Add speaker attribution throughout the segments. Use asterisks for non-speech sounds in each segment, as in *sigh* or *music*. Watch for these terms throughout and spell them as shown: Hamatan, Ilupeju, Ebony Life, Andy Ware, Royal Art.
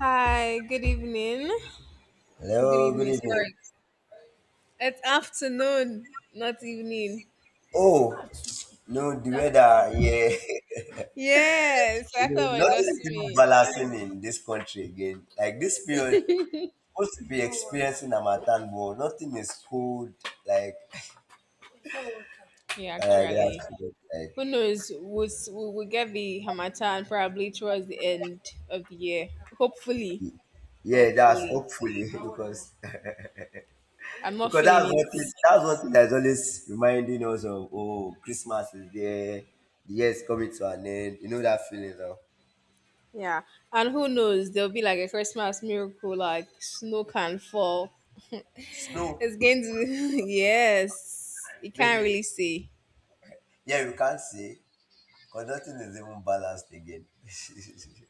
Speaker 1: Hi, good evening. Good
Speaker 2: Hello, good
Speaker 1: evening,
Speaker 2: evening.
Speaker 1: sorry. It's afternoon, not evening.
Speaker 2: Oh, no, the weather, yeah.
Speaker 1: Yes,
Speaker 2: *laughs* You
Speaker 1: I
Speaker 2: know,
Speaker 1: thought it was
Speaker 2: nothing
Speaker 1: just
Speaker 2: is even
Speaker 1: me.
Speaker 2: balancing in this country again. Like this period, supposed to be experiencing Hamatan, but nothing is cold like
Speaker 1: Yeah,
Speaker 2: *laughs* paragraphs
Speaker 1: actually.
Speaker 2: today.
Speaker 1: Who
Speaker 2: Like,
Speaker 1: knows? We'll get the Hamatan probably towards the end of the year. Hopefully.
Speaker 2: yeah, that's
Speaker 1: Hopefully.
Speaker 2: hopefully *laughs* because
Speaker 1: I'm not feeling it.
Speaker 2: that's one thing that's always reminding us of, oh, Christmas is there, the year is coming to an end. You know that feeling of
Speaker 1: Yeah. And who knows? There'll be like a Christmas miracle, like snow can fall. *laughs* It's
Speaker 2: snow.
Speaker 1: going to, *laughs* yes. You can't
Speaker 2: Maybe
Speaker 1: really see.
Speaker 2: yeah, you can't see. Because nothing is even balanced again.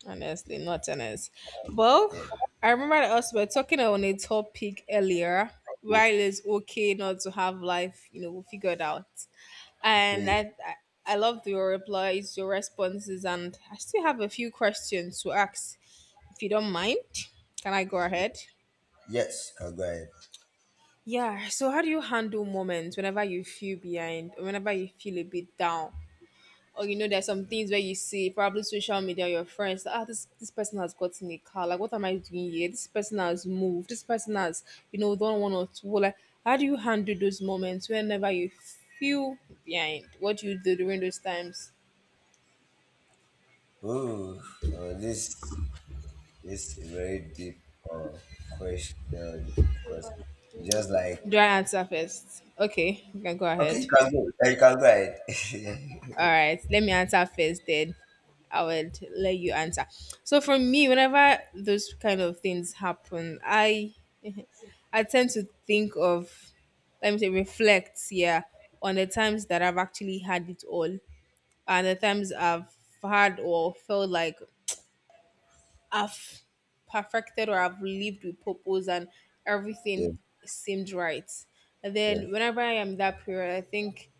Speaker 1: Honestly, not honest. Well,
Speaker 2: *laughs* yeah.
Speaker 1: I remember that us were talking on a topic earlier why it is okay not to have life, figured out. And
Speaker 2: Okay.
Speaker 1: I loved your replies, your responses, and I still have a few questions to ask. If you don't mind, can I go ahead?
Speaker 2: Yes, can go ahead.
Speaker 1: Yeah. So, how do you handle moments whenever you feel behind, or whenever you feel a bit down? Or you know there's some things where you see probably social media your friends like, ah this person has gotten a car like what am I doing here, this person has moved, this person has, you know, done one or two, like how do you handle those moments whenever you feel behind? What do you do during those times?
Speaker 2: Ooh, uh, this this is a very deep, uh, question, because just like
Speaker 1: Do I answer first? Okay, you can go
Speaker 2: okay, you
Speaker 1: ahead.
Speaker 2: can go. Yeah, you can go ahead. *laughs* yeah,
Speaker 1: All right, let me answer first then. I would let you answer. So for me whenever those kind of things happen, I tend to think of, let me say, reflect, yeah, on the times that I've actually had it all and the times I've had or felt like I've perfected, or I've lived with purpose and everything seemed right. And
Speaker 2: yeah,
Speaker 1: then whenever I am that period, I think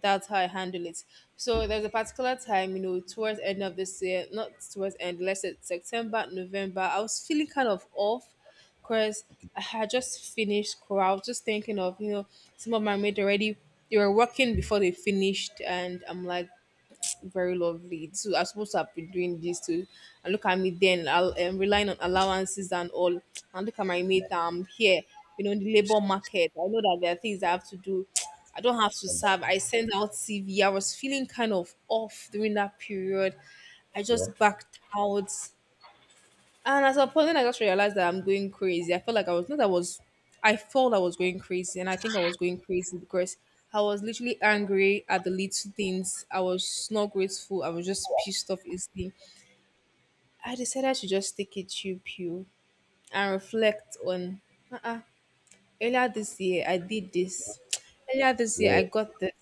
Speaker 1: that's how I handle it. So there's a particular time, you know, towards end of this year, not towards end, let's say September, November, I was feeling kind of off because I had just finished school. I was just thinking of, you know, some of my mates already they were working before they finished, and I'm like very lovely. So I'm supposed to have been doing this too. And look at me then. I'm relying on allowances and all. And look at my mate. I'm here, you know, in the labor market. I know that there are things I have to do. I don't have to
Speaker 2: yeah,
Speaker 1: serve. I sent out CV. I was feeling kind of off during that period. I
Speaker 2: yeah,
Speaker 1: just backed out. And at some point, I just realized that I'm going crazy. I felt like I was not. I was. I felt I was going crazy, and I think I was going crazy because I was literally angry at the little things. I was not grateful. I was just pissed off easily. I decided to just take a chill pill and reflect on. Uh-uh. Earlier this year, I did this. Earlier this year, I got this.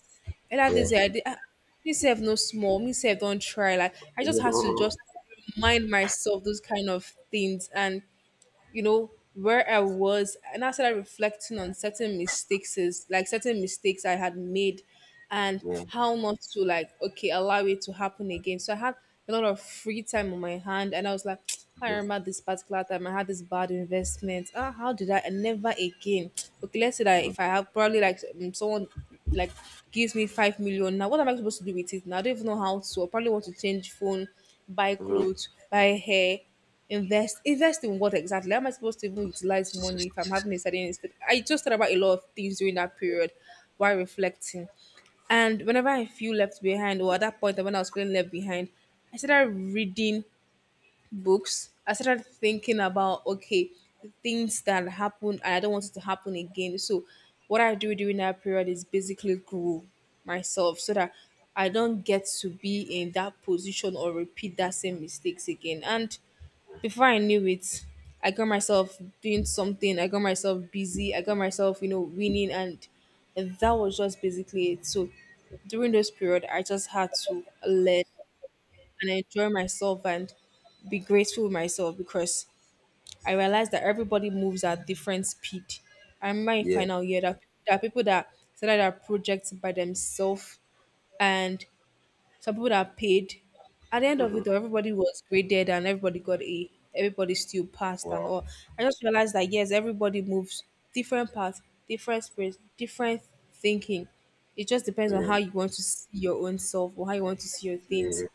Speaker 1: Earlier
Speaker 2: yeah, yeah,
Speaker 1: this year, I did. Me self no small. Me self don't try. Like I just had to just remind myself those kind of things, and you know where I was, and I started reflecting on certain mistakes, is like certain mistakes I had made and how not to, like, okay, allow it to happen again. So I had a lot of free time on my hand, and I was like *tsk* I remember this particular time I had this bad investment. Ah, how did I? And never again. Okay, let's say that if I have probably like, someone like gives me 5 million now, what am I supposed to do with it now? I don't even know how to. I probably want to change phone, buy clothes, buy hair, invest. Invest in what exactly? How am I supposed to even utilize money if I'm having a sudden? Instead I just thought about a lot of things during that period while reflecting. And whenever I feel left behind, or at that point when I was feeling left behind, I started reading books, I started thinking about, okay, the things that happened and I don't want it to happen again. So what I do during that period is basically grow myself so that I don't get to be in that position or repeat that same mistakes again. And before I knew it, I got myself doing something. I got myself busy. I got myself, you know, winning, and that was just basically it. So during this period, I just had to learn and enjoy myself and be grateful with myself because I realized that everybody moves at different speed. I remember in
Speaker 2: yeah.
Speaker 1: final year that there are people that started their projects by themselves, and some people that are paid. At the end of it
Speaker 2: Mm-hmm.
Speaker 1: all, everybody was graded and everybody got A. Everybody still passed and
Speaker 2: Wow.
Speaker 1: all. I just realized that yes, everybody moves different paths, different spirits, different thinking. It just depends on
Speaker 2: Yeah,
Speaker 1: how you want to see your own self or how you want to see your things.
Speaker 2: yeah.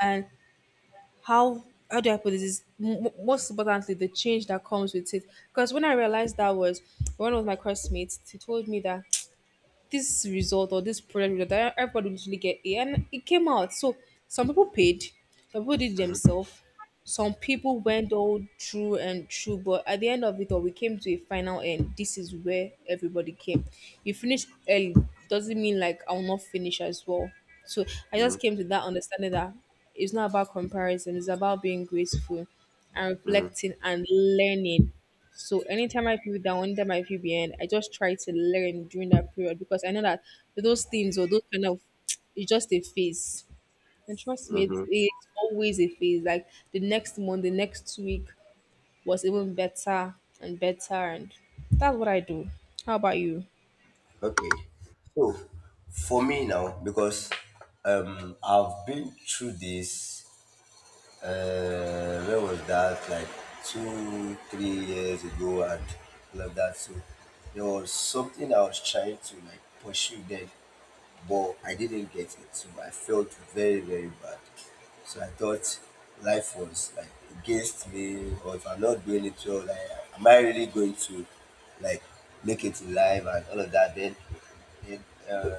Speaker 1: And how do I put this? Is most importantly the change that comes with it. Because when I realized that was one of my classmates, he told me that this result or this product result that everybody would usually get A, and it came out. So some people paid, some people did it themselves, some people went all through and through. But at the end of it all, we came to a final, and this is where everybody came. You finish early doesn't mean like I'll not finish as well. So I
Speaker 2: Mm-hmm,
Speaker 1: just came to that understanding that it's not about comparison; it's about being graceful, and
Speaker 2: mm-hmm.
Speaker 1: reflecting and learning. So anytime I feel down, anytime I feel behind, I just try to learn during that period because I know that those things or those kind of *tsk* it's just a phase. And trust me, it's always a phase. Like the next month, the next week was even better and better, and that's what I do. How about you?
Speaker 2: Okay. So for me now, because I've been through this where was that, like, two, 3 years ago and all of that. So there was something I was trying to like pursue then, but I didn't get it. So I felt very, very bad. So I thought life was like against me, or if I'm not doing it well, like, am I really going to like make it in life and all of that? Then, uh,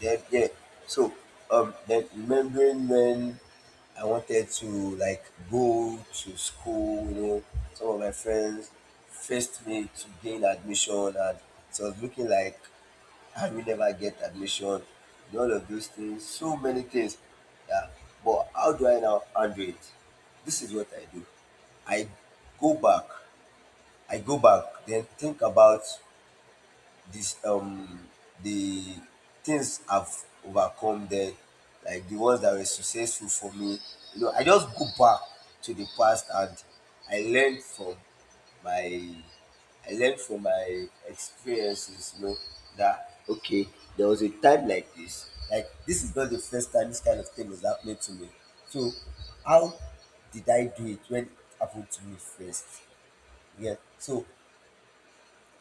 Speaker 2: then, yeah. So then remembering when I wanted to like go to school, you know, some of my friends faced me to gain admission, and so it was looking like how you never get admission and all of those things, so many things. Yeah. But how do I now handle it? This is what I do. I go back, I go back, then think about this the things I've overcome then, like the ones that were successful for me. You know, I just go back to the past, and I learn from my I learned from my experiences, you know, that okay, there was a time like this. Like this is not the first time this kind of thing is happening to me. So how did I do it when it happened to me first? Yeah. So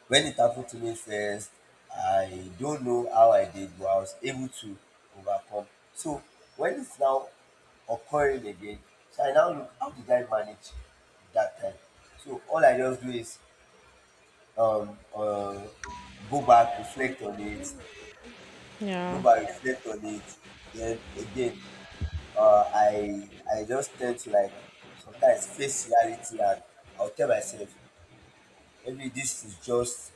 Speaker 2: when it happened to me first, I don't know how I did, but I was able to overcome. So when it's now occurring again, so I now look how did I manage that time? So all I just do is um um go back, reflect on it, go
Speaker 1: Yeah.
Speaker 2: back reflect on it then again, um i I just tend to like sometimes face reality, and I'll tell myself maybe this is just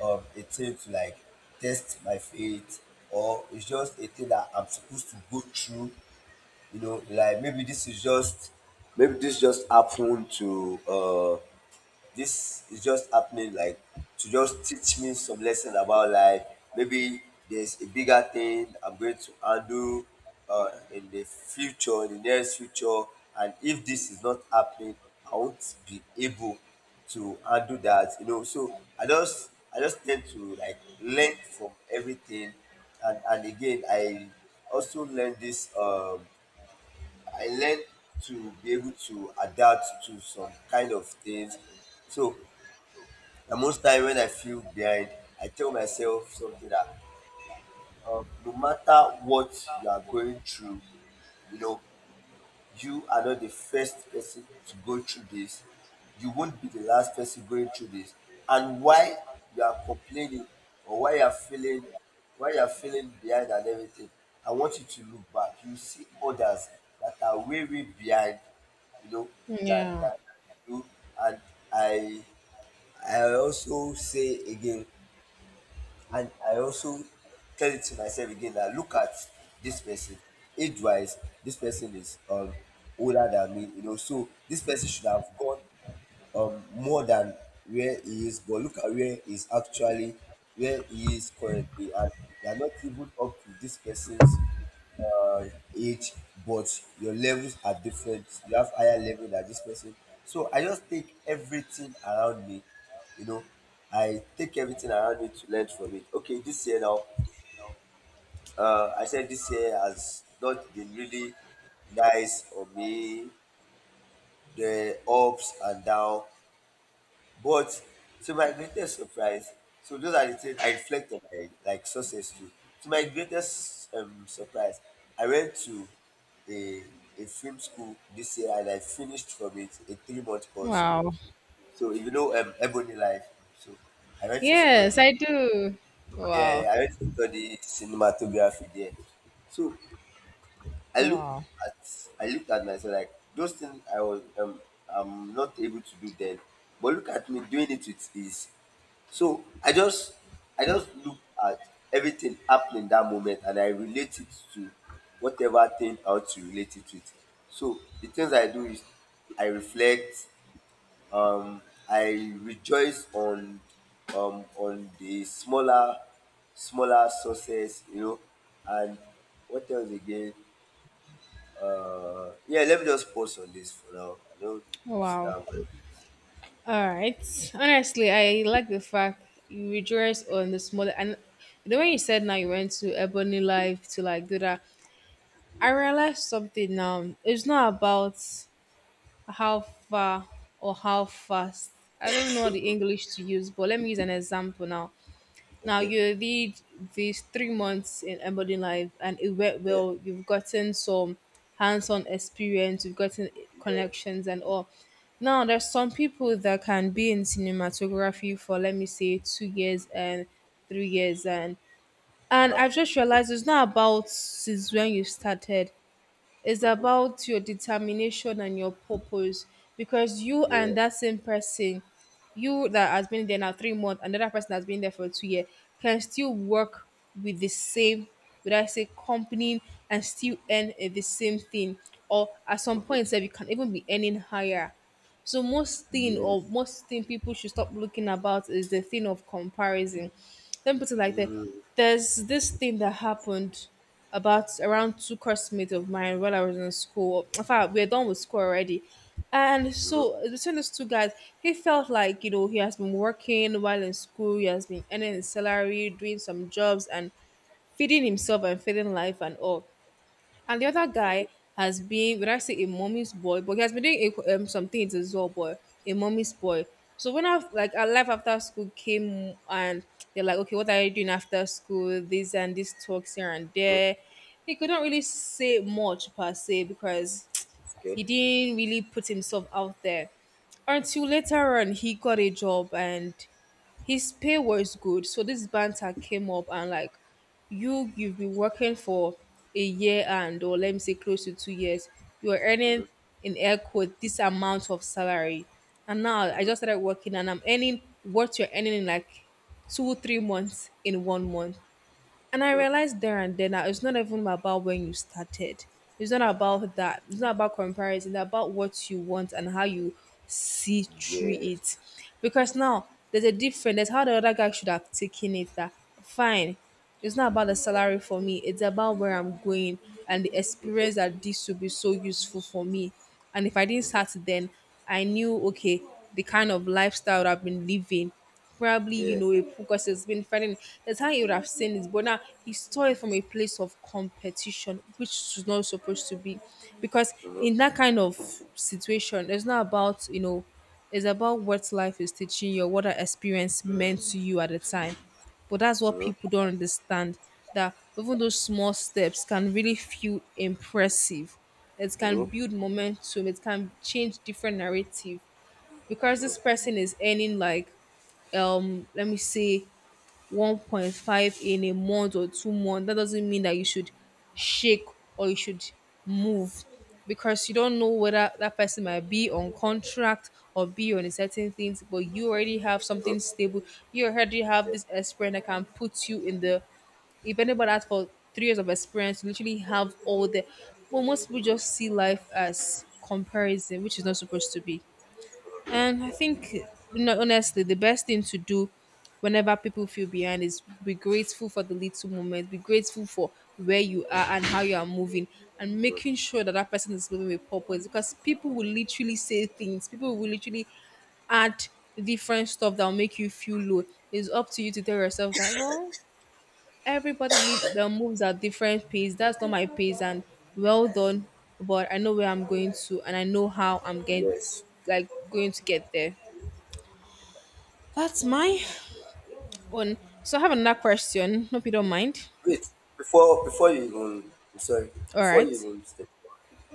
Speaker 2: a thing to like test my faith, or it's just a thing that I'm supposed to go through, you know, like maybe this just happened to this is just happening like to just teach me some lessons about life. Maybe there's a bigger thing I'm going to handle, in the future, in the nearest future, and if this is not happening I won't be able to handle that, you know. So I just tend to like learn from everything, and again I also learn this I learned to be able to adapt to some kind of things. So, the most time when I feel behind, I tell myself something that, no matter what you are going through, you know, you are not the first person to go through this. You won't be the last person going through this. And why you are complaining, or why you are feeling why you are feeling behind and everything, I want you to look back. You see others that are way, way behind, you know, that
Speaker 1: Yeah.
Speaker 2: that you and I I also say again, and I also tell it to myself again that look at this person, age wise, this person is older than me, you know, so this person should have gone more than where he is, but look at where he is actually, where he is currently, and they are not even up to this person's, uh, age, but your levels are different. You have higher level than this person. So I just take everything around me, you know. I take everything around me to learn from it. Okay, this year now, I said this year has not been really nice on me. The ups and down. But to my greatest surprise, so those are the things I reflect on, my like success too. To my greatest, surprise, I went to a a film school this year, and I finished from it a 3-month course.
Speaker 1: Wow.
Speaker 2: So if you know Ebony Life, so I went to
Speaker 1: Yes,
Speaker 2: study
Speaker 1: I do. Wow.
Speaker 2: yeah, I went to study cinematography there. So I looked
Speaker 1: Wow.
Speaker 2: at I looked at myself, like those things I was I'm not able to do then, but look at me doing it with ease. So I just look at everything happening that moment, and I relate it to whatever thing I want to relate it with. So the things I do is I reflect, um, I rejoice on the smaller sources, you know, and what else again? Yeah, let me just pause on this for now. I don't
Speaker 1: Wow.
Speaker 2: start.
Speaker 1: All right. Honestly, I like the fact you rejoice on the smaller, and the way you said now you went to Ebony Live to like do that. I realized something now. It's not about how far or how fast. I don't know the English to use, but let me use an example now. Now
Speaker 2: Okay.
Speaker 1: you did these 3 months in Embody Life and it went
Speaker 2: Yeah.
Speaker 1: well. You've gotten some hands-on experience, you've gotten
Speaker 2: Yeah.
Speaker 1: connections and all. Now there's some people that can be in cinematography for, let me say, 2 years and 3 years,
Speaker 2: Uh
Speaker 1: and
Speaker 2: huh.
Speaker 1: I've just realized it's not about since when you started. It's
Speaker 2: Mm-hmm.
Speaker 1: about your determination and your purpose because you
Speaker 2: Yeah.
Speaker 1: and that same person, you that has been there now 3 months, another person that has been there for 2 years, can still work with the same, would I say, company, and still earn, eh, the same thing. Or at some point,
Speaker 2: Mm-hmm.
Speaker 1: sef, you can even be earning higher. So most thing
Speaker 2: Yes.
Speaker 1: or most thing people should stop looking about is the thing of comparison. Let me put it like that.
Speaker 2: Mm-hmm.
Speaker 1: There's this thing that happened about around two classmates of mine while I was in school. In fact, we're done with school already. And
Speaker 2: Mm-hmm.
Speaker 1: so between those two guys, he felt like, you know, he has been working while in school, he has been earning his salary, doing some jobs and feeding himself and feeding life and all. And the other
Speaker 2: Mm-hmm.
Speaker 1: guy has been, would I say a mommy's boy, but he has been doing a, some things as well, boy, a mommy's boy. So when I like our life after school came, and they're like, okay, what are you doing after school? This and this talks here and there. He couldn't really say much per se because
Speaker 2: Okay.
Speaker 1: he didn't really put himself out there until later on he got a job and his pay was good. So this banter came up and like, you've been working for a year and, or let me say close to 2 years, you are
Speaker 2: Mm-hmm.
Speaker 1: earning in air quote this amount of salary. And now I
Speaker 2: Mm-hmm.
Speaker 1: just started working and I'm earning what you're earning in like two, 3 months in 1 month. And I
Speaker 2: Mm-hmm.
Speaker 1: realized there and then that it's not even about when you started. It's not about that. It's not about comparison. It's about what you want and how you see through
Speaker 2: Yes.
Speaker 1: it. Because now there's a difference. There's how the other guy should have taken it that fine. It's not about the salary for me. It's about where I'm going and the
Speaker 2: Mm-hmm.
Speaker 1: experience that this will be so useful for me. And if I didn't
Speaker 2: Mm-hmm.
Speaker 1: start then, I knew, okay, the kind of lifestyle I've been living, probably
Speaker 2: Yeah.
Speaker 1: a, because it's been fighting. That's how he would have seen it, but now he saw it from a place of competition, which is not supposed to be. Because
Speaker 2: Mm-hmm.
Speaker 1: in that kind of situation, it's not about, it's about what life is teaching you or what that experience meant to you at the time. But that's what people
Speaker 2: Mm-hmm.
Speaker 1: don't understand, that even those small steps can really feel impressive. It
Speaker 2: Mm-hmm.
Speaker 1: can
Speaker 2: Mm-hmm.
Speaker 1: build momentum, it can change different narrative. Because this person is earning like, let me say 1.5 in a month or 2 months, that doesn't mean that you should shake or you should move, because you don't know whether that person might be on contract or be on a certain things, but you already have something stable. You already have this experience that can put you in the, if anybody has for 3 years of experience, you literally have all the, well, most people just see life as comparison, which is not supposed to be. And I think, honestly, the best thing to do whenever people feel behind is be grateful for the little moments, be grateful for where you are and how you are moving, and making sure that that person is moving with purpose. Because people will literally say things, people will literally add different stuff that will make you feel low. It's up to you to tell yourself that, well, everybody live, moves at different pace. That's not my pace, and well done. But I know where I'm going to, and I know how I'm
Speaker 2: Yeah.
Speaker 1: getting,
Speaker 2: Yes.
Speaker 1: like, going to get there. That's my own. So I have another question. Hope you don't mind.
Speaker 2: Wait. Before you even I'm sorry.
Speaker 1: All
Speaker 2: Before
Speaker 1: right.
Speaker 2: you even step.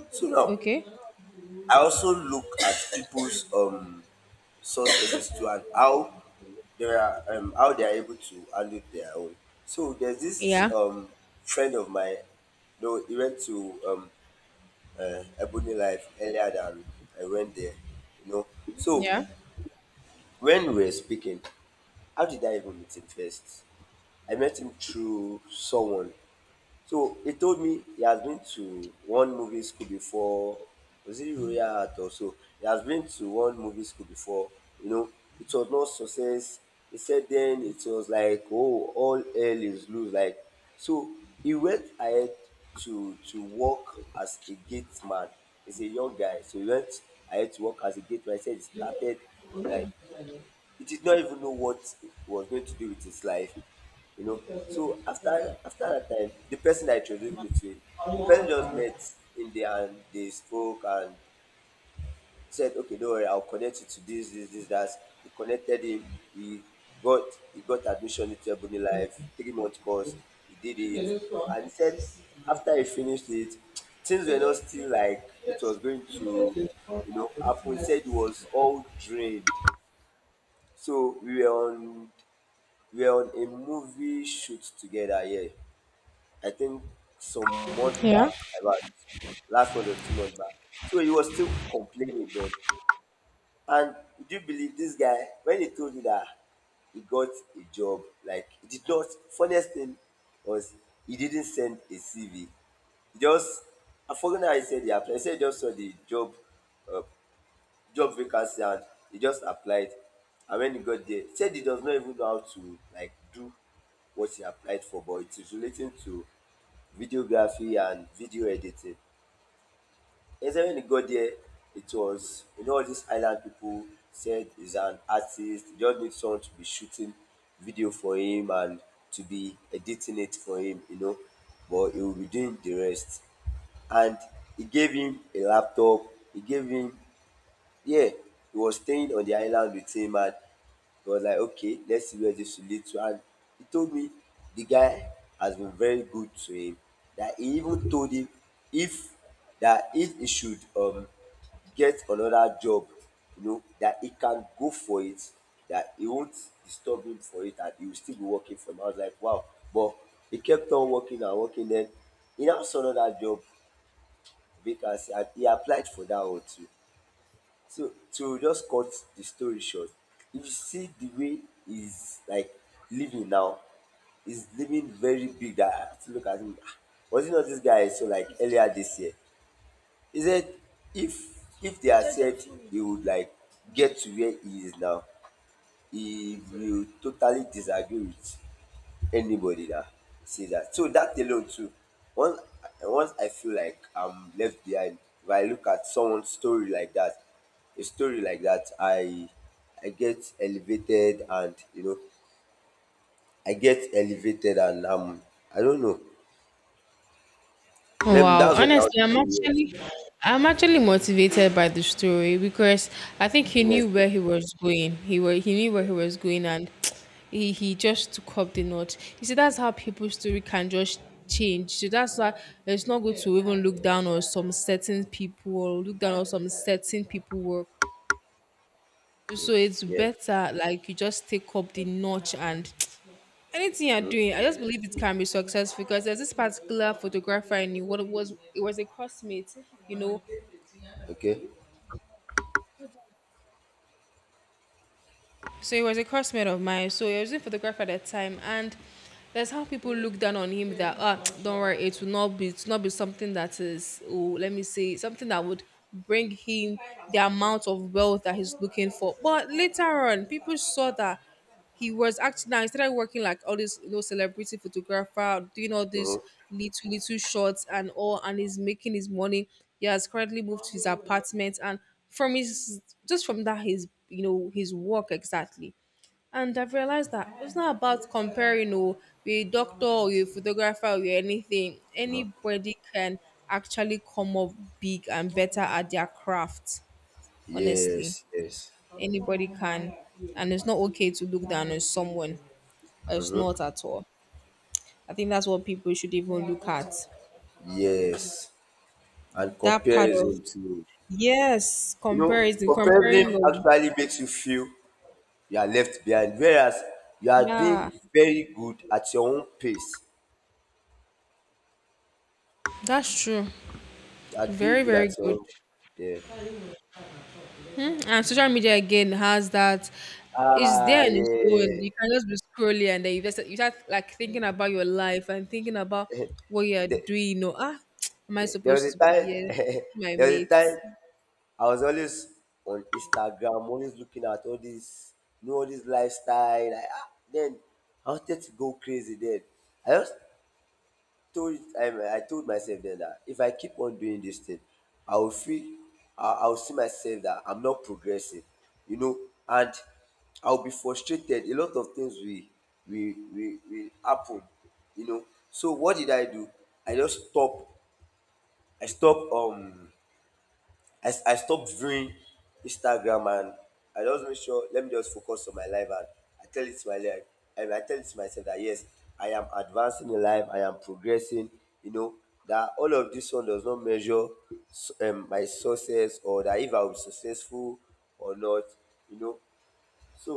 Speaker 2: So now
Speaker 1: Okay.
Speaker 2: I also look at people's sources to, and how they are able to handle their own. So there's this
Speaker 1: Yeah.
Speaker 2: friend of mine. No, he went to Ebony Life earlier than I went there. You know, so
Speaker 1: Yeah.
Speaker 2: when we were speaking, how did I even meet him first? I met him through someone, so he told me he has been to one movie school before. Was it Royal Art or so? He has been to one movie school before. You know, it was not success. He said then it was like, oh, all hell is loose. Like so, he went ahead to work as a gate man. He's a young guy, so he went ahead to work as a gate man. He said he started like he did not even know what he was going to do with his life, you know. So after that time, the person that introduced me to him, the person just met in there and they spoke, and said, okay, don't worry, I'll connect you to this, this, this, that. He connected him, he got he got admission into Ebony Life, 3-month course, he did it, and he said after he finished it, *tsk* things were not still like it was going to, you know, happen. He said he was all drained. So we're on a movie shoot together, yeah. I think some months
Speaker 1: Yeah.
Speaker 2: back, about last month or 2 months back. So he was still complaining then. And do you believe this guy, when he told me that he got a job, like he did not, funniest thing was he didn't send a CV. He just I forgot how he said he applied. He said he just saw the uh, job vacancy, and he just applied, and when he got there, he said he does not even know how to like do what he applied for, but it is relating to videography and video editing. He said when he got there, it was you know, all these island people, said he's an artist, he just needs someone to be shooting video for him, and to be editing it for him, you know, but he will be doing the rest. And he gave him a laptop he gave him yeah, he was staying on the island with him, and he was like, okay, let's see where this will lead to. And he told me the guy has been very good to him. That he even told him if that if he should get another job, you know, that he can go for it, that he won't disturb him for it, and he will still be working for him. I was like, wow. But he kept on working and working, then he now saw another job vacancy and he applied for that one too. So to just cut the story short, if you see the way he's like living now, he's living very big. I have to look at him. "Ah, was it not this guy I saw like earlier this year? He said if if they had said he would like get to where he is now, if you totally disagree with anybody that says that. So that alone too, once once I feel like I'm left behind, if I look at someone's story like that, a story like that, I get elevated, and you know, I get elevated, and I don't know. Let
Speaker 1: Wow.
Speaker 2: that's what I want
Speaker 1: Honestly,
Speaker 2: to say. Yes,
Speaker 1: I'm actually motivated by the story because I think he knew
Speaker 2: honestly,
Speaker 1: where he was going. He knew where he was going, and *tsk* he just took up the knot. You see, that's how people's story can just change. So that's why it's not good to even look down on some certain people or look down on some certain people work. So it's
Speaker 2: yeah.
Speaker 1: better like you just take up the notch and *tsk* anything you're
Speaker 2: Mhm.
Speaker 1: doing. I just believe it can be successful, because there's this particular photographer I knew. What it was a crossmate, you know.
Speaker 2: Okay.
Speaker 1: So he was a crossmate of mine. So he was a photographer at that time, and that's how people look down on him, that ah, *tsk* don't worry, it will not be, it will not be something that is, oh, let me say, something that would bring him the amount of wealth that he's looking for. But later on, people saw that he was actually, now he started working like all this, celebrity photographer, doing all
Speaker 2: Mm-hmm.
Speaker 1: these little little shots and all, and he's making his money. He has currently moved to his apartment, and from his, just from that his, his work exactly. And I've realized that it's not about comparing, or you're a doctor, or you're a photographer, or you're anything.
Speaker 2: Hmm.
Speaker 1: Anybody can actually come up big and better at their craft. Honestly,
Speaker 2: Yes, yes.
Speaker 1: anybody can. And it's not okay to look down on someone. It's
Speaker 2: Mm-hmm.
Speaker 1: not, at all. I think that's what people should even look at.
Speaker 2: Yes, and
Speaker 1: That part of,
Speaker 2: comparison to,
Speaker 1: yes, comparison, comparing
Speaker 2: Comparison
Speaker 1: your,
Speaker 2: actually makes you feel you are left behind, whereas you are
Speaker 1: yeah,
Speaker 2: doing very good at your own pace.
Speaker 1: that's true.
Speaker 2: You are doing
Speaker 1: Very
Speaker 2: good
Speaker 1: very
Speaker 2: at your
Speaker 1: good.
Speaker 2: own. Yeah.
Speaker 1: Mhm. And social media again has that. It's there
Speaker 2: Ah,
Speaker 1: on its
Speaker 2: yeah.
Speaker 1: own. You can just be scrolling and then you just you start like thinking about your life and thinking about what you're
Speaker 2: The,
Speaker 1: doing. Or ah, *tsk* am I
Speaker 2: yeah. There was
Speaker 1: supposed
Speaker 2: a
Speaker 1: to be
Speaker 2: time.
Speaker 1: here?
Speaker 2: *laughs*
Speaker 1: My
Speaker 2: There was a time
Speaker 1: mates?
Speaker 2: I was always on Instagram, always looking at all this, all this lifestyle. Like, ah, then I wanted to go crazy. Then I just told I told myself then that if I keep on doing this thing, I will feel I will see myself that I'm not progressing, you know, and I'll be frustrated. A lot of things will happen, you know. So what did I do? I just stop. I stop. I stopped viewing Instagram, and I just make sure let me just focus on my life, and I tell it to my life and I tell it to myself that yes, I am advancing in life, I am progressing, you know, that all of this one does not measure my success, or that if I will be successful or not, you know. So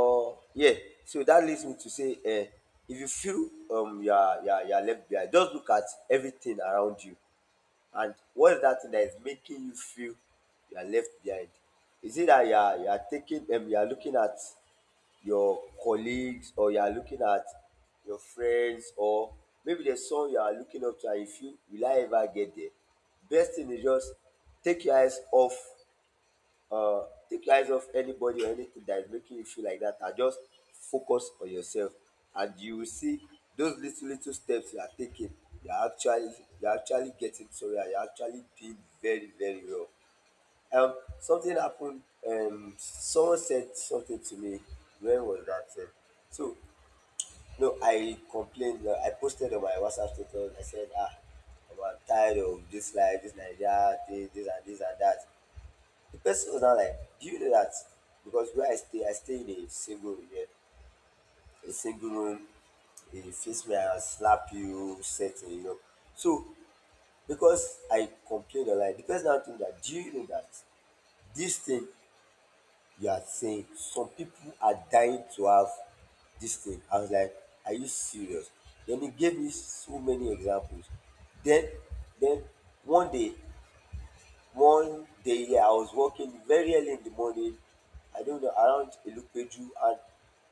Speaker 2: yeah, so that leads me to say if you feel you are, you are left behind, just look at everything around you. And what is that thing that is making you feel you are left behind? Is it that you are looking at your colleagues, or you are looking at your friends, or maybe there's someone you are looking up to and you feel will I ever get there? Best thing is just take your eyes off uh, take your eyes off anybody or anything that is making you feel like that, and just focus on yourself and you will see those little little steps you are taking. you are actually you are actually getting sorry, and you are actually doing very very well. Something happened. Someone said something to me. When was that thing? So no, I complained. I posted on my WhatsApp status. I said, ah, I'm tired of this life, this Nigeria thing, this and this and that. The person was now like, "Do you know that because where I stay in a single room, a single room. He face me and slap you, set you know." So because I complained online, the person now told me that, "Do you know that this thing you are saying, some people are dying to have this thing?" I was like, "Are you serious?" Then he gave me so many examples. Then then one day, one day, yeah, I was walking very early in the morning, I don't know, around Ilupeju, and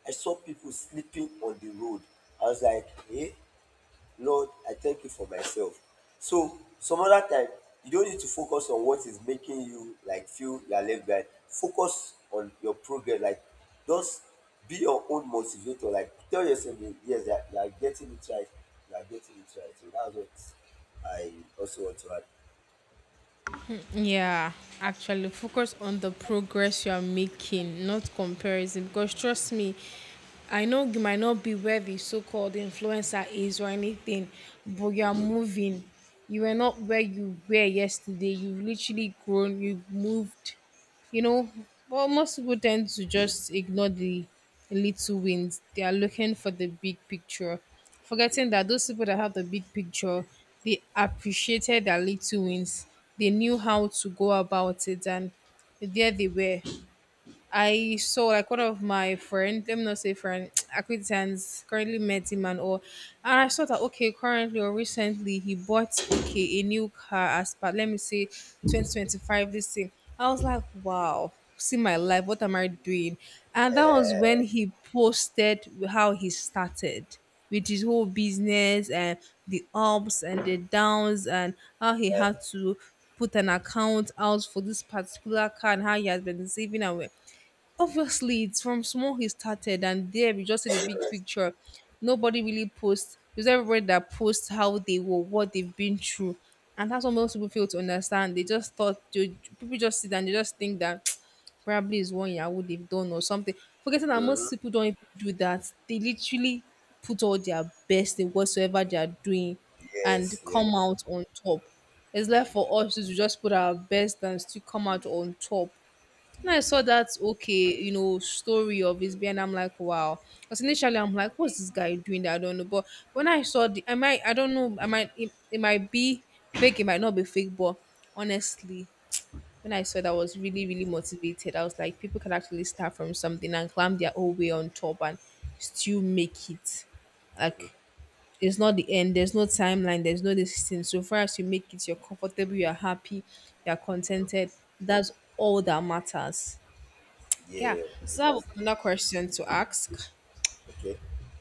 Speaker 2: I saw people sleeping on the road. I was like, hey, Lord, I thank you for myself. So, some other time, you don't need to focus on what is making you like feel you're left behind. Focus on your progress. Like, just be your own motivator. Like, tell yourself that, yes, you are getting it right. You are getting it right. So, that's what I also want to add.
Speaker 1: Yeah, actually, focus on the progress you are making, not comparison. Because trust me, I know you might not be where the so called influencer is or anything, but you are moving. You were not where you were yesterday. You've literally grown, you've moved, you know, but most people tend to just ignore the little wins. They are looking for the big picture, forgetting that those people that have the big picture, they appreciated their little wins. They knew how to go about it, and there they were. I saw like one of my friend, let me not say friend, *tsk* acquaintance, currently met him and all. And I saw that okay, currently or recently he bought, okay, a new car as part, let me say, 2025 this thing. I was like, wow, see my life, what am I doing? And that was when he posted how he started with his whole business and the ups and the downs, and how he had to put an account out for this particular car and how he has been saving. And obviously, it's from small he started, and there we just see the big picture. Nobody really posts. It's everybody that posts how they were, what they've been through, and that's what most people fail to understand. They just thought they, people just sit and they just think that *tsk* probably is one Yahoo they've done or something, forgetting that most people don't even do that. They literally put all their best in whatsoever they are doing, and
Speaker 2: Yes,
Speaker 1: come
Speaker 2: yes.
Speaker 1: out on top. It's left for us to just put our best and still come out on top. When I saw that, okay, story of his being, I'm like, wow. Because initially, I'm like, what's this guy doing that I don't know. But when I saw the, I might, I don't know, I might, it might be fake, it might not be fake. But honestly, when I saw that, I was really, really motivated. I was like, people can actually start from something and climb their own way on top and still make it. Like, it's not the end. There's no timeline. There's no this thing. So far as you make it, you're comfortable, you're happy, you're contented. That's all that matters. Yeah.
Speaker 2: Yeah,
Speaker 1: So I have
Speaker 2: exactly.
Speaker 1: another question to ask.
Speaker 2: Okay.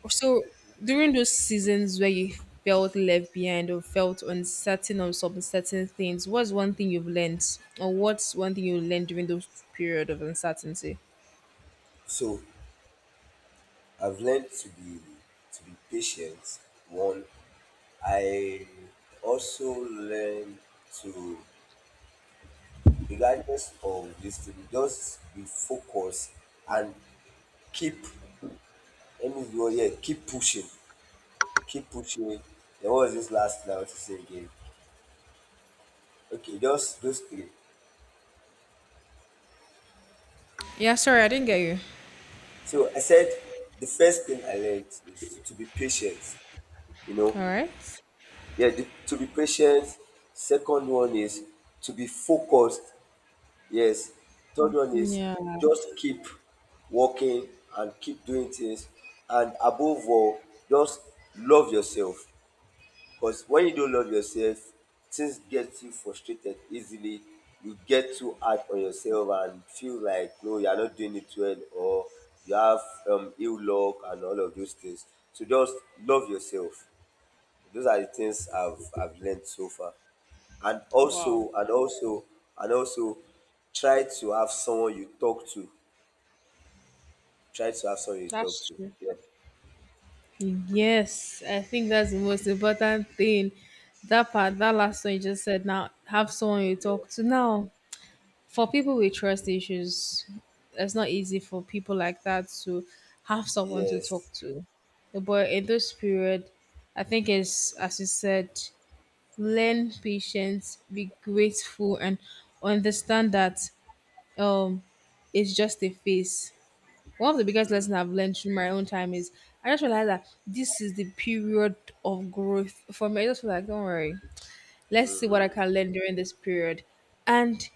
Speaker 1: So during those seasons where you felt left behind or felt uncertain on some certain things, what's one thing you've learned? Or what's one thing you learned during those period of uncertainty?
Speaker 2: So I've learned to be, to be patient. One, I also learned to, regardless of this thing, just be focused and keep. Let me go. Yeah, keep pushing, keep pushing. Then what was this last thing I want to say again. Okay, just those three.
Speaker 1: Yeah, sorry, I didn't get you.
Speaker 2: So I said the first thing I learned is to be patient. You know,
Speaker 1: All right.
Speaker 2: yeah, to be patient. Second one is to be focused. Yes. Third one is
Speaker 1: Yeah.
Speaker 2: just keep working and keep doing things. And above all, just love yourself. Because when you don't love yourself, things get you frustrated easily. You get too hard on yourself and feel like no, you are not doing it well, or you have ill luck and all of those things. So just love yourself. Those are the things I've learned so far. And
Speaker 1: Wow.
Speaker 2: also and also and also try to have someone you talk to. Try to have someone you talk
Speaker 1: That's
Speaker 2: to.
Speaker 1: true.
Speaker 2: Yes.
Speaker 1: Yes, I think that's the most important thing. That part, that last one you just said now, have someone you talk
Speaker 2: Yes.
Speaker 1: to now. For people with trust issues, it's not easy for people like that to have someone to talk
Speaker 2: Yes.
Speaker 1: to. But in this period, I think it's as you said, learn patience, be grateful, and understand that um, it's just a phase. One of the biggest lessons I've learned through my own time is I just realized that this is the period of growth for me. I just feel like, don't worry, let's see what I can learn during this period. And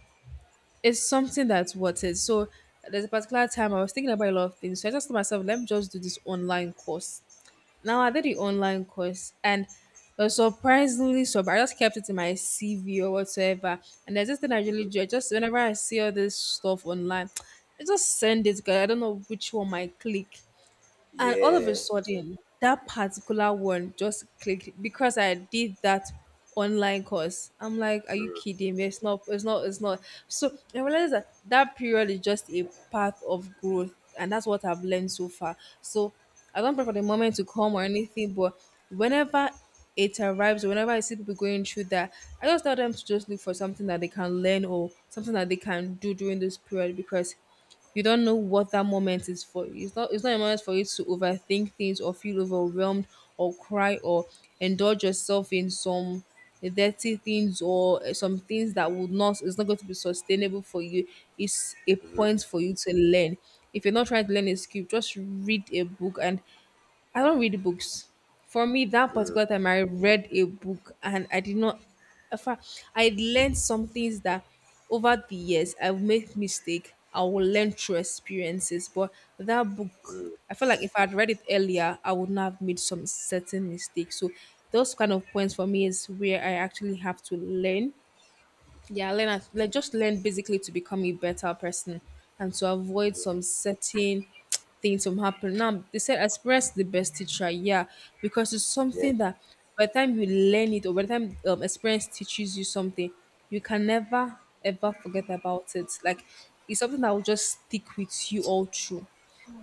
Speaker 1: it's something that's worth it. So there's a particular time I was thinking about a lot of things. So I just told myself, let me just do this online course. Now I did the online course and it was surprisingly, so I just kept it in my CV or whatsoever. And there's this thing I really do. I just, whenever I see all this stuff online, *tsk* I just send it because I don't know which one might click. And all of a
Speaker 2: Yeah.
Speaker 1: sudden, that particular one just clicked because I did that online course. I'm like, are you
Speaker 2: Mm.
Speaker 1: kidding me? It's not, it's not, it's not. So I realized that that period is just a path of growth. And that's what I've learned so far. So I don't pray for the moment to come or anything, but whenever it arrives, or whenever I see people going through that, I just tell them to just look for something that they can learn or something that they can do during this period, because you don't know what that moment is for. It's not, it's not a moment for you to overthink things or feel overwhelmed or cry or indulge yourself in some dirty things, or eh, some things that would not, it's not going to be sustainable for you. It's a point for you to learn. If you're not trying to learn a skill, just read a book. And I don't read books. For me, that particular time I read a book and I did not, in fact, I learned some things that over the years I've made mistake. I will learn through experiences. But that book, I feel like if I'd read it earlier, I would not have made some certain mistakes. So those kind of points for me is where I actually have to learn, yeah, learn like, just learn basically to become a better person and to avoid some certain things from happening. Now they said express the best teacher, yeah, because it's
Speaker 2: Yeah.
Speaker 1: something that by the time you learn it, or by the time experience teaches you something, you can never ever forget about it. Like it's something that will just stick with you all through,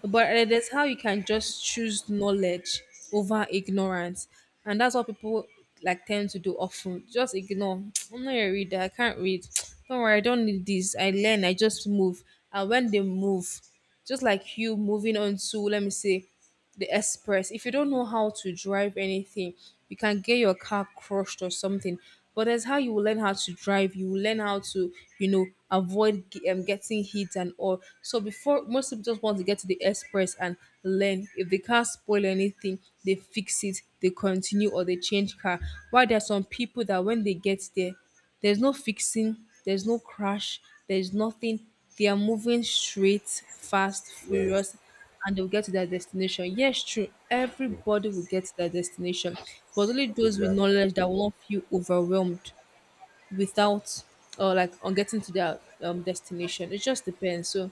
Speaker 1: but it is how you can just choose knowledge over ignorance. And that's what people like tend to do often, just ignore. *tsk* I'm not a reader, I can't read. *tsk* Don't worry, I don't need this, I learn, I just move. And when they move, just like you moving on to, let me say, the express. If you don't know how to drive anything, you can get your car crushed or something. But that's how you will learn how to drive. You will learn how to, you know, avoid getting hit and all. So before, most people just want to get to the express and learn. If the car spoil anything, they fix it, they continue or they change car. While there are some people that when they get there, there's no fixing, there's no crash, there's nothing. They are moving straight, fast,
Speaker 2: Yes.
Speaker 1: furious, and they'll get to their destination. Yes, true, everybody will get to their destination, but only those with
Speaker 2: Exactly.
Speaker 1: knowledge that will not feel overwhelmed without or like on getting to their destination. It just depends. So,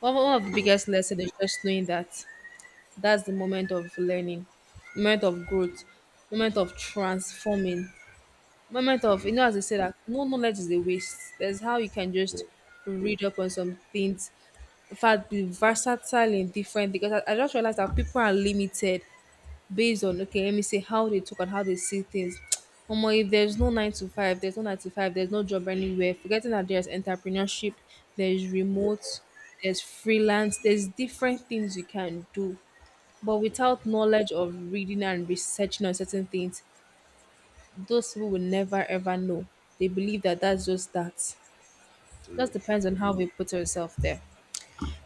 Speaker 1: one of the biggest lessons is just knowing that that's the moment of learning, moment of growth, moment of transforming, moment of, as I said, that no knowledge is a waste. There's how you can just read up on some things, in fact be versatile in different, because I just realized that people are limited based on okay let me see how they talk and how they see things. *tsk* Omo, if there's no nine to five, there's no nine to five, there's no job anywhere. Forgetting that there's entrepreneurship, there's
Speaker 2: Yeah.
Speaker 1: remote, there's freelance, there's different things you can do. But without knowledge of reading and researching on certain things, those people will never ever know. They believe that that's just that.
Speaker 2: Mm.
Speaker 1: Just depends on how we put ourselves there.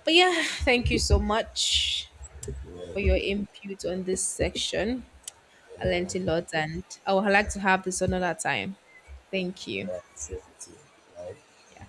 Speaker 1: But yeah, thank you so much
Speaker 2: Yeah.
Speaker 1: for your input on this section. I
Speaker 2: Yeah.
Speaker 1: learned a lot, and I would like to have this another time. Thank you.
Speaker 2: Yeah. Sensitive. Right.
Speaker 1: Yeah.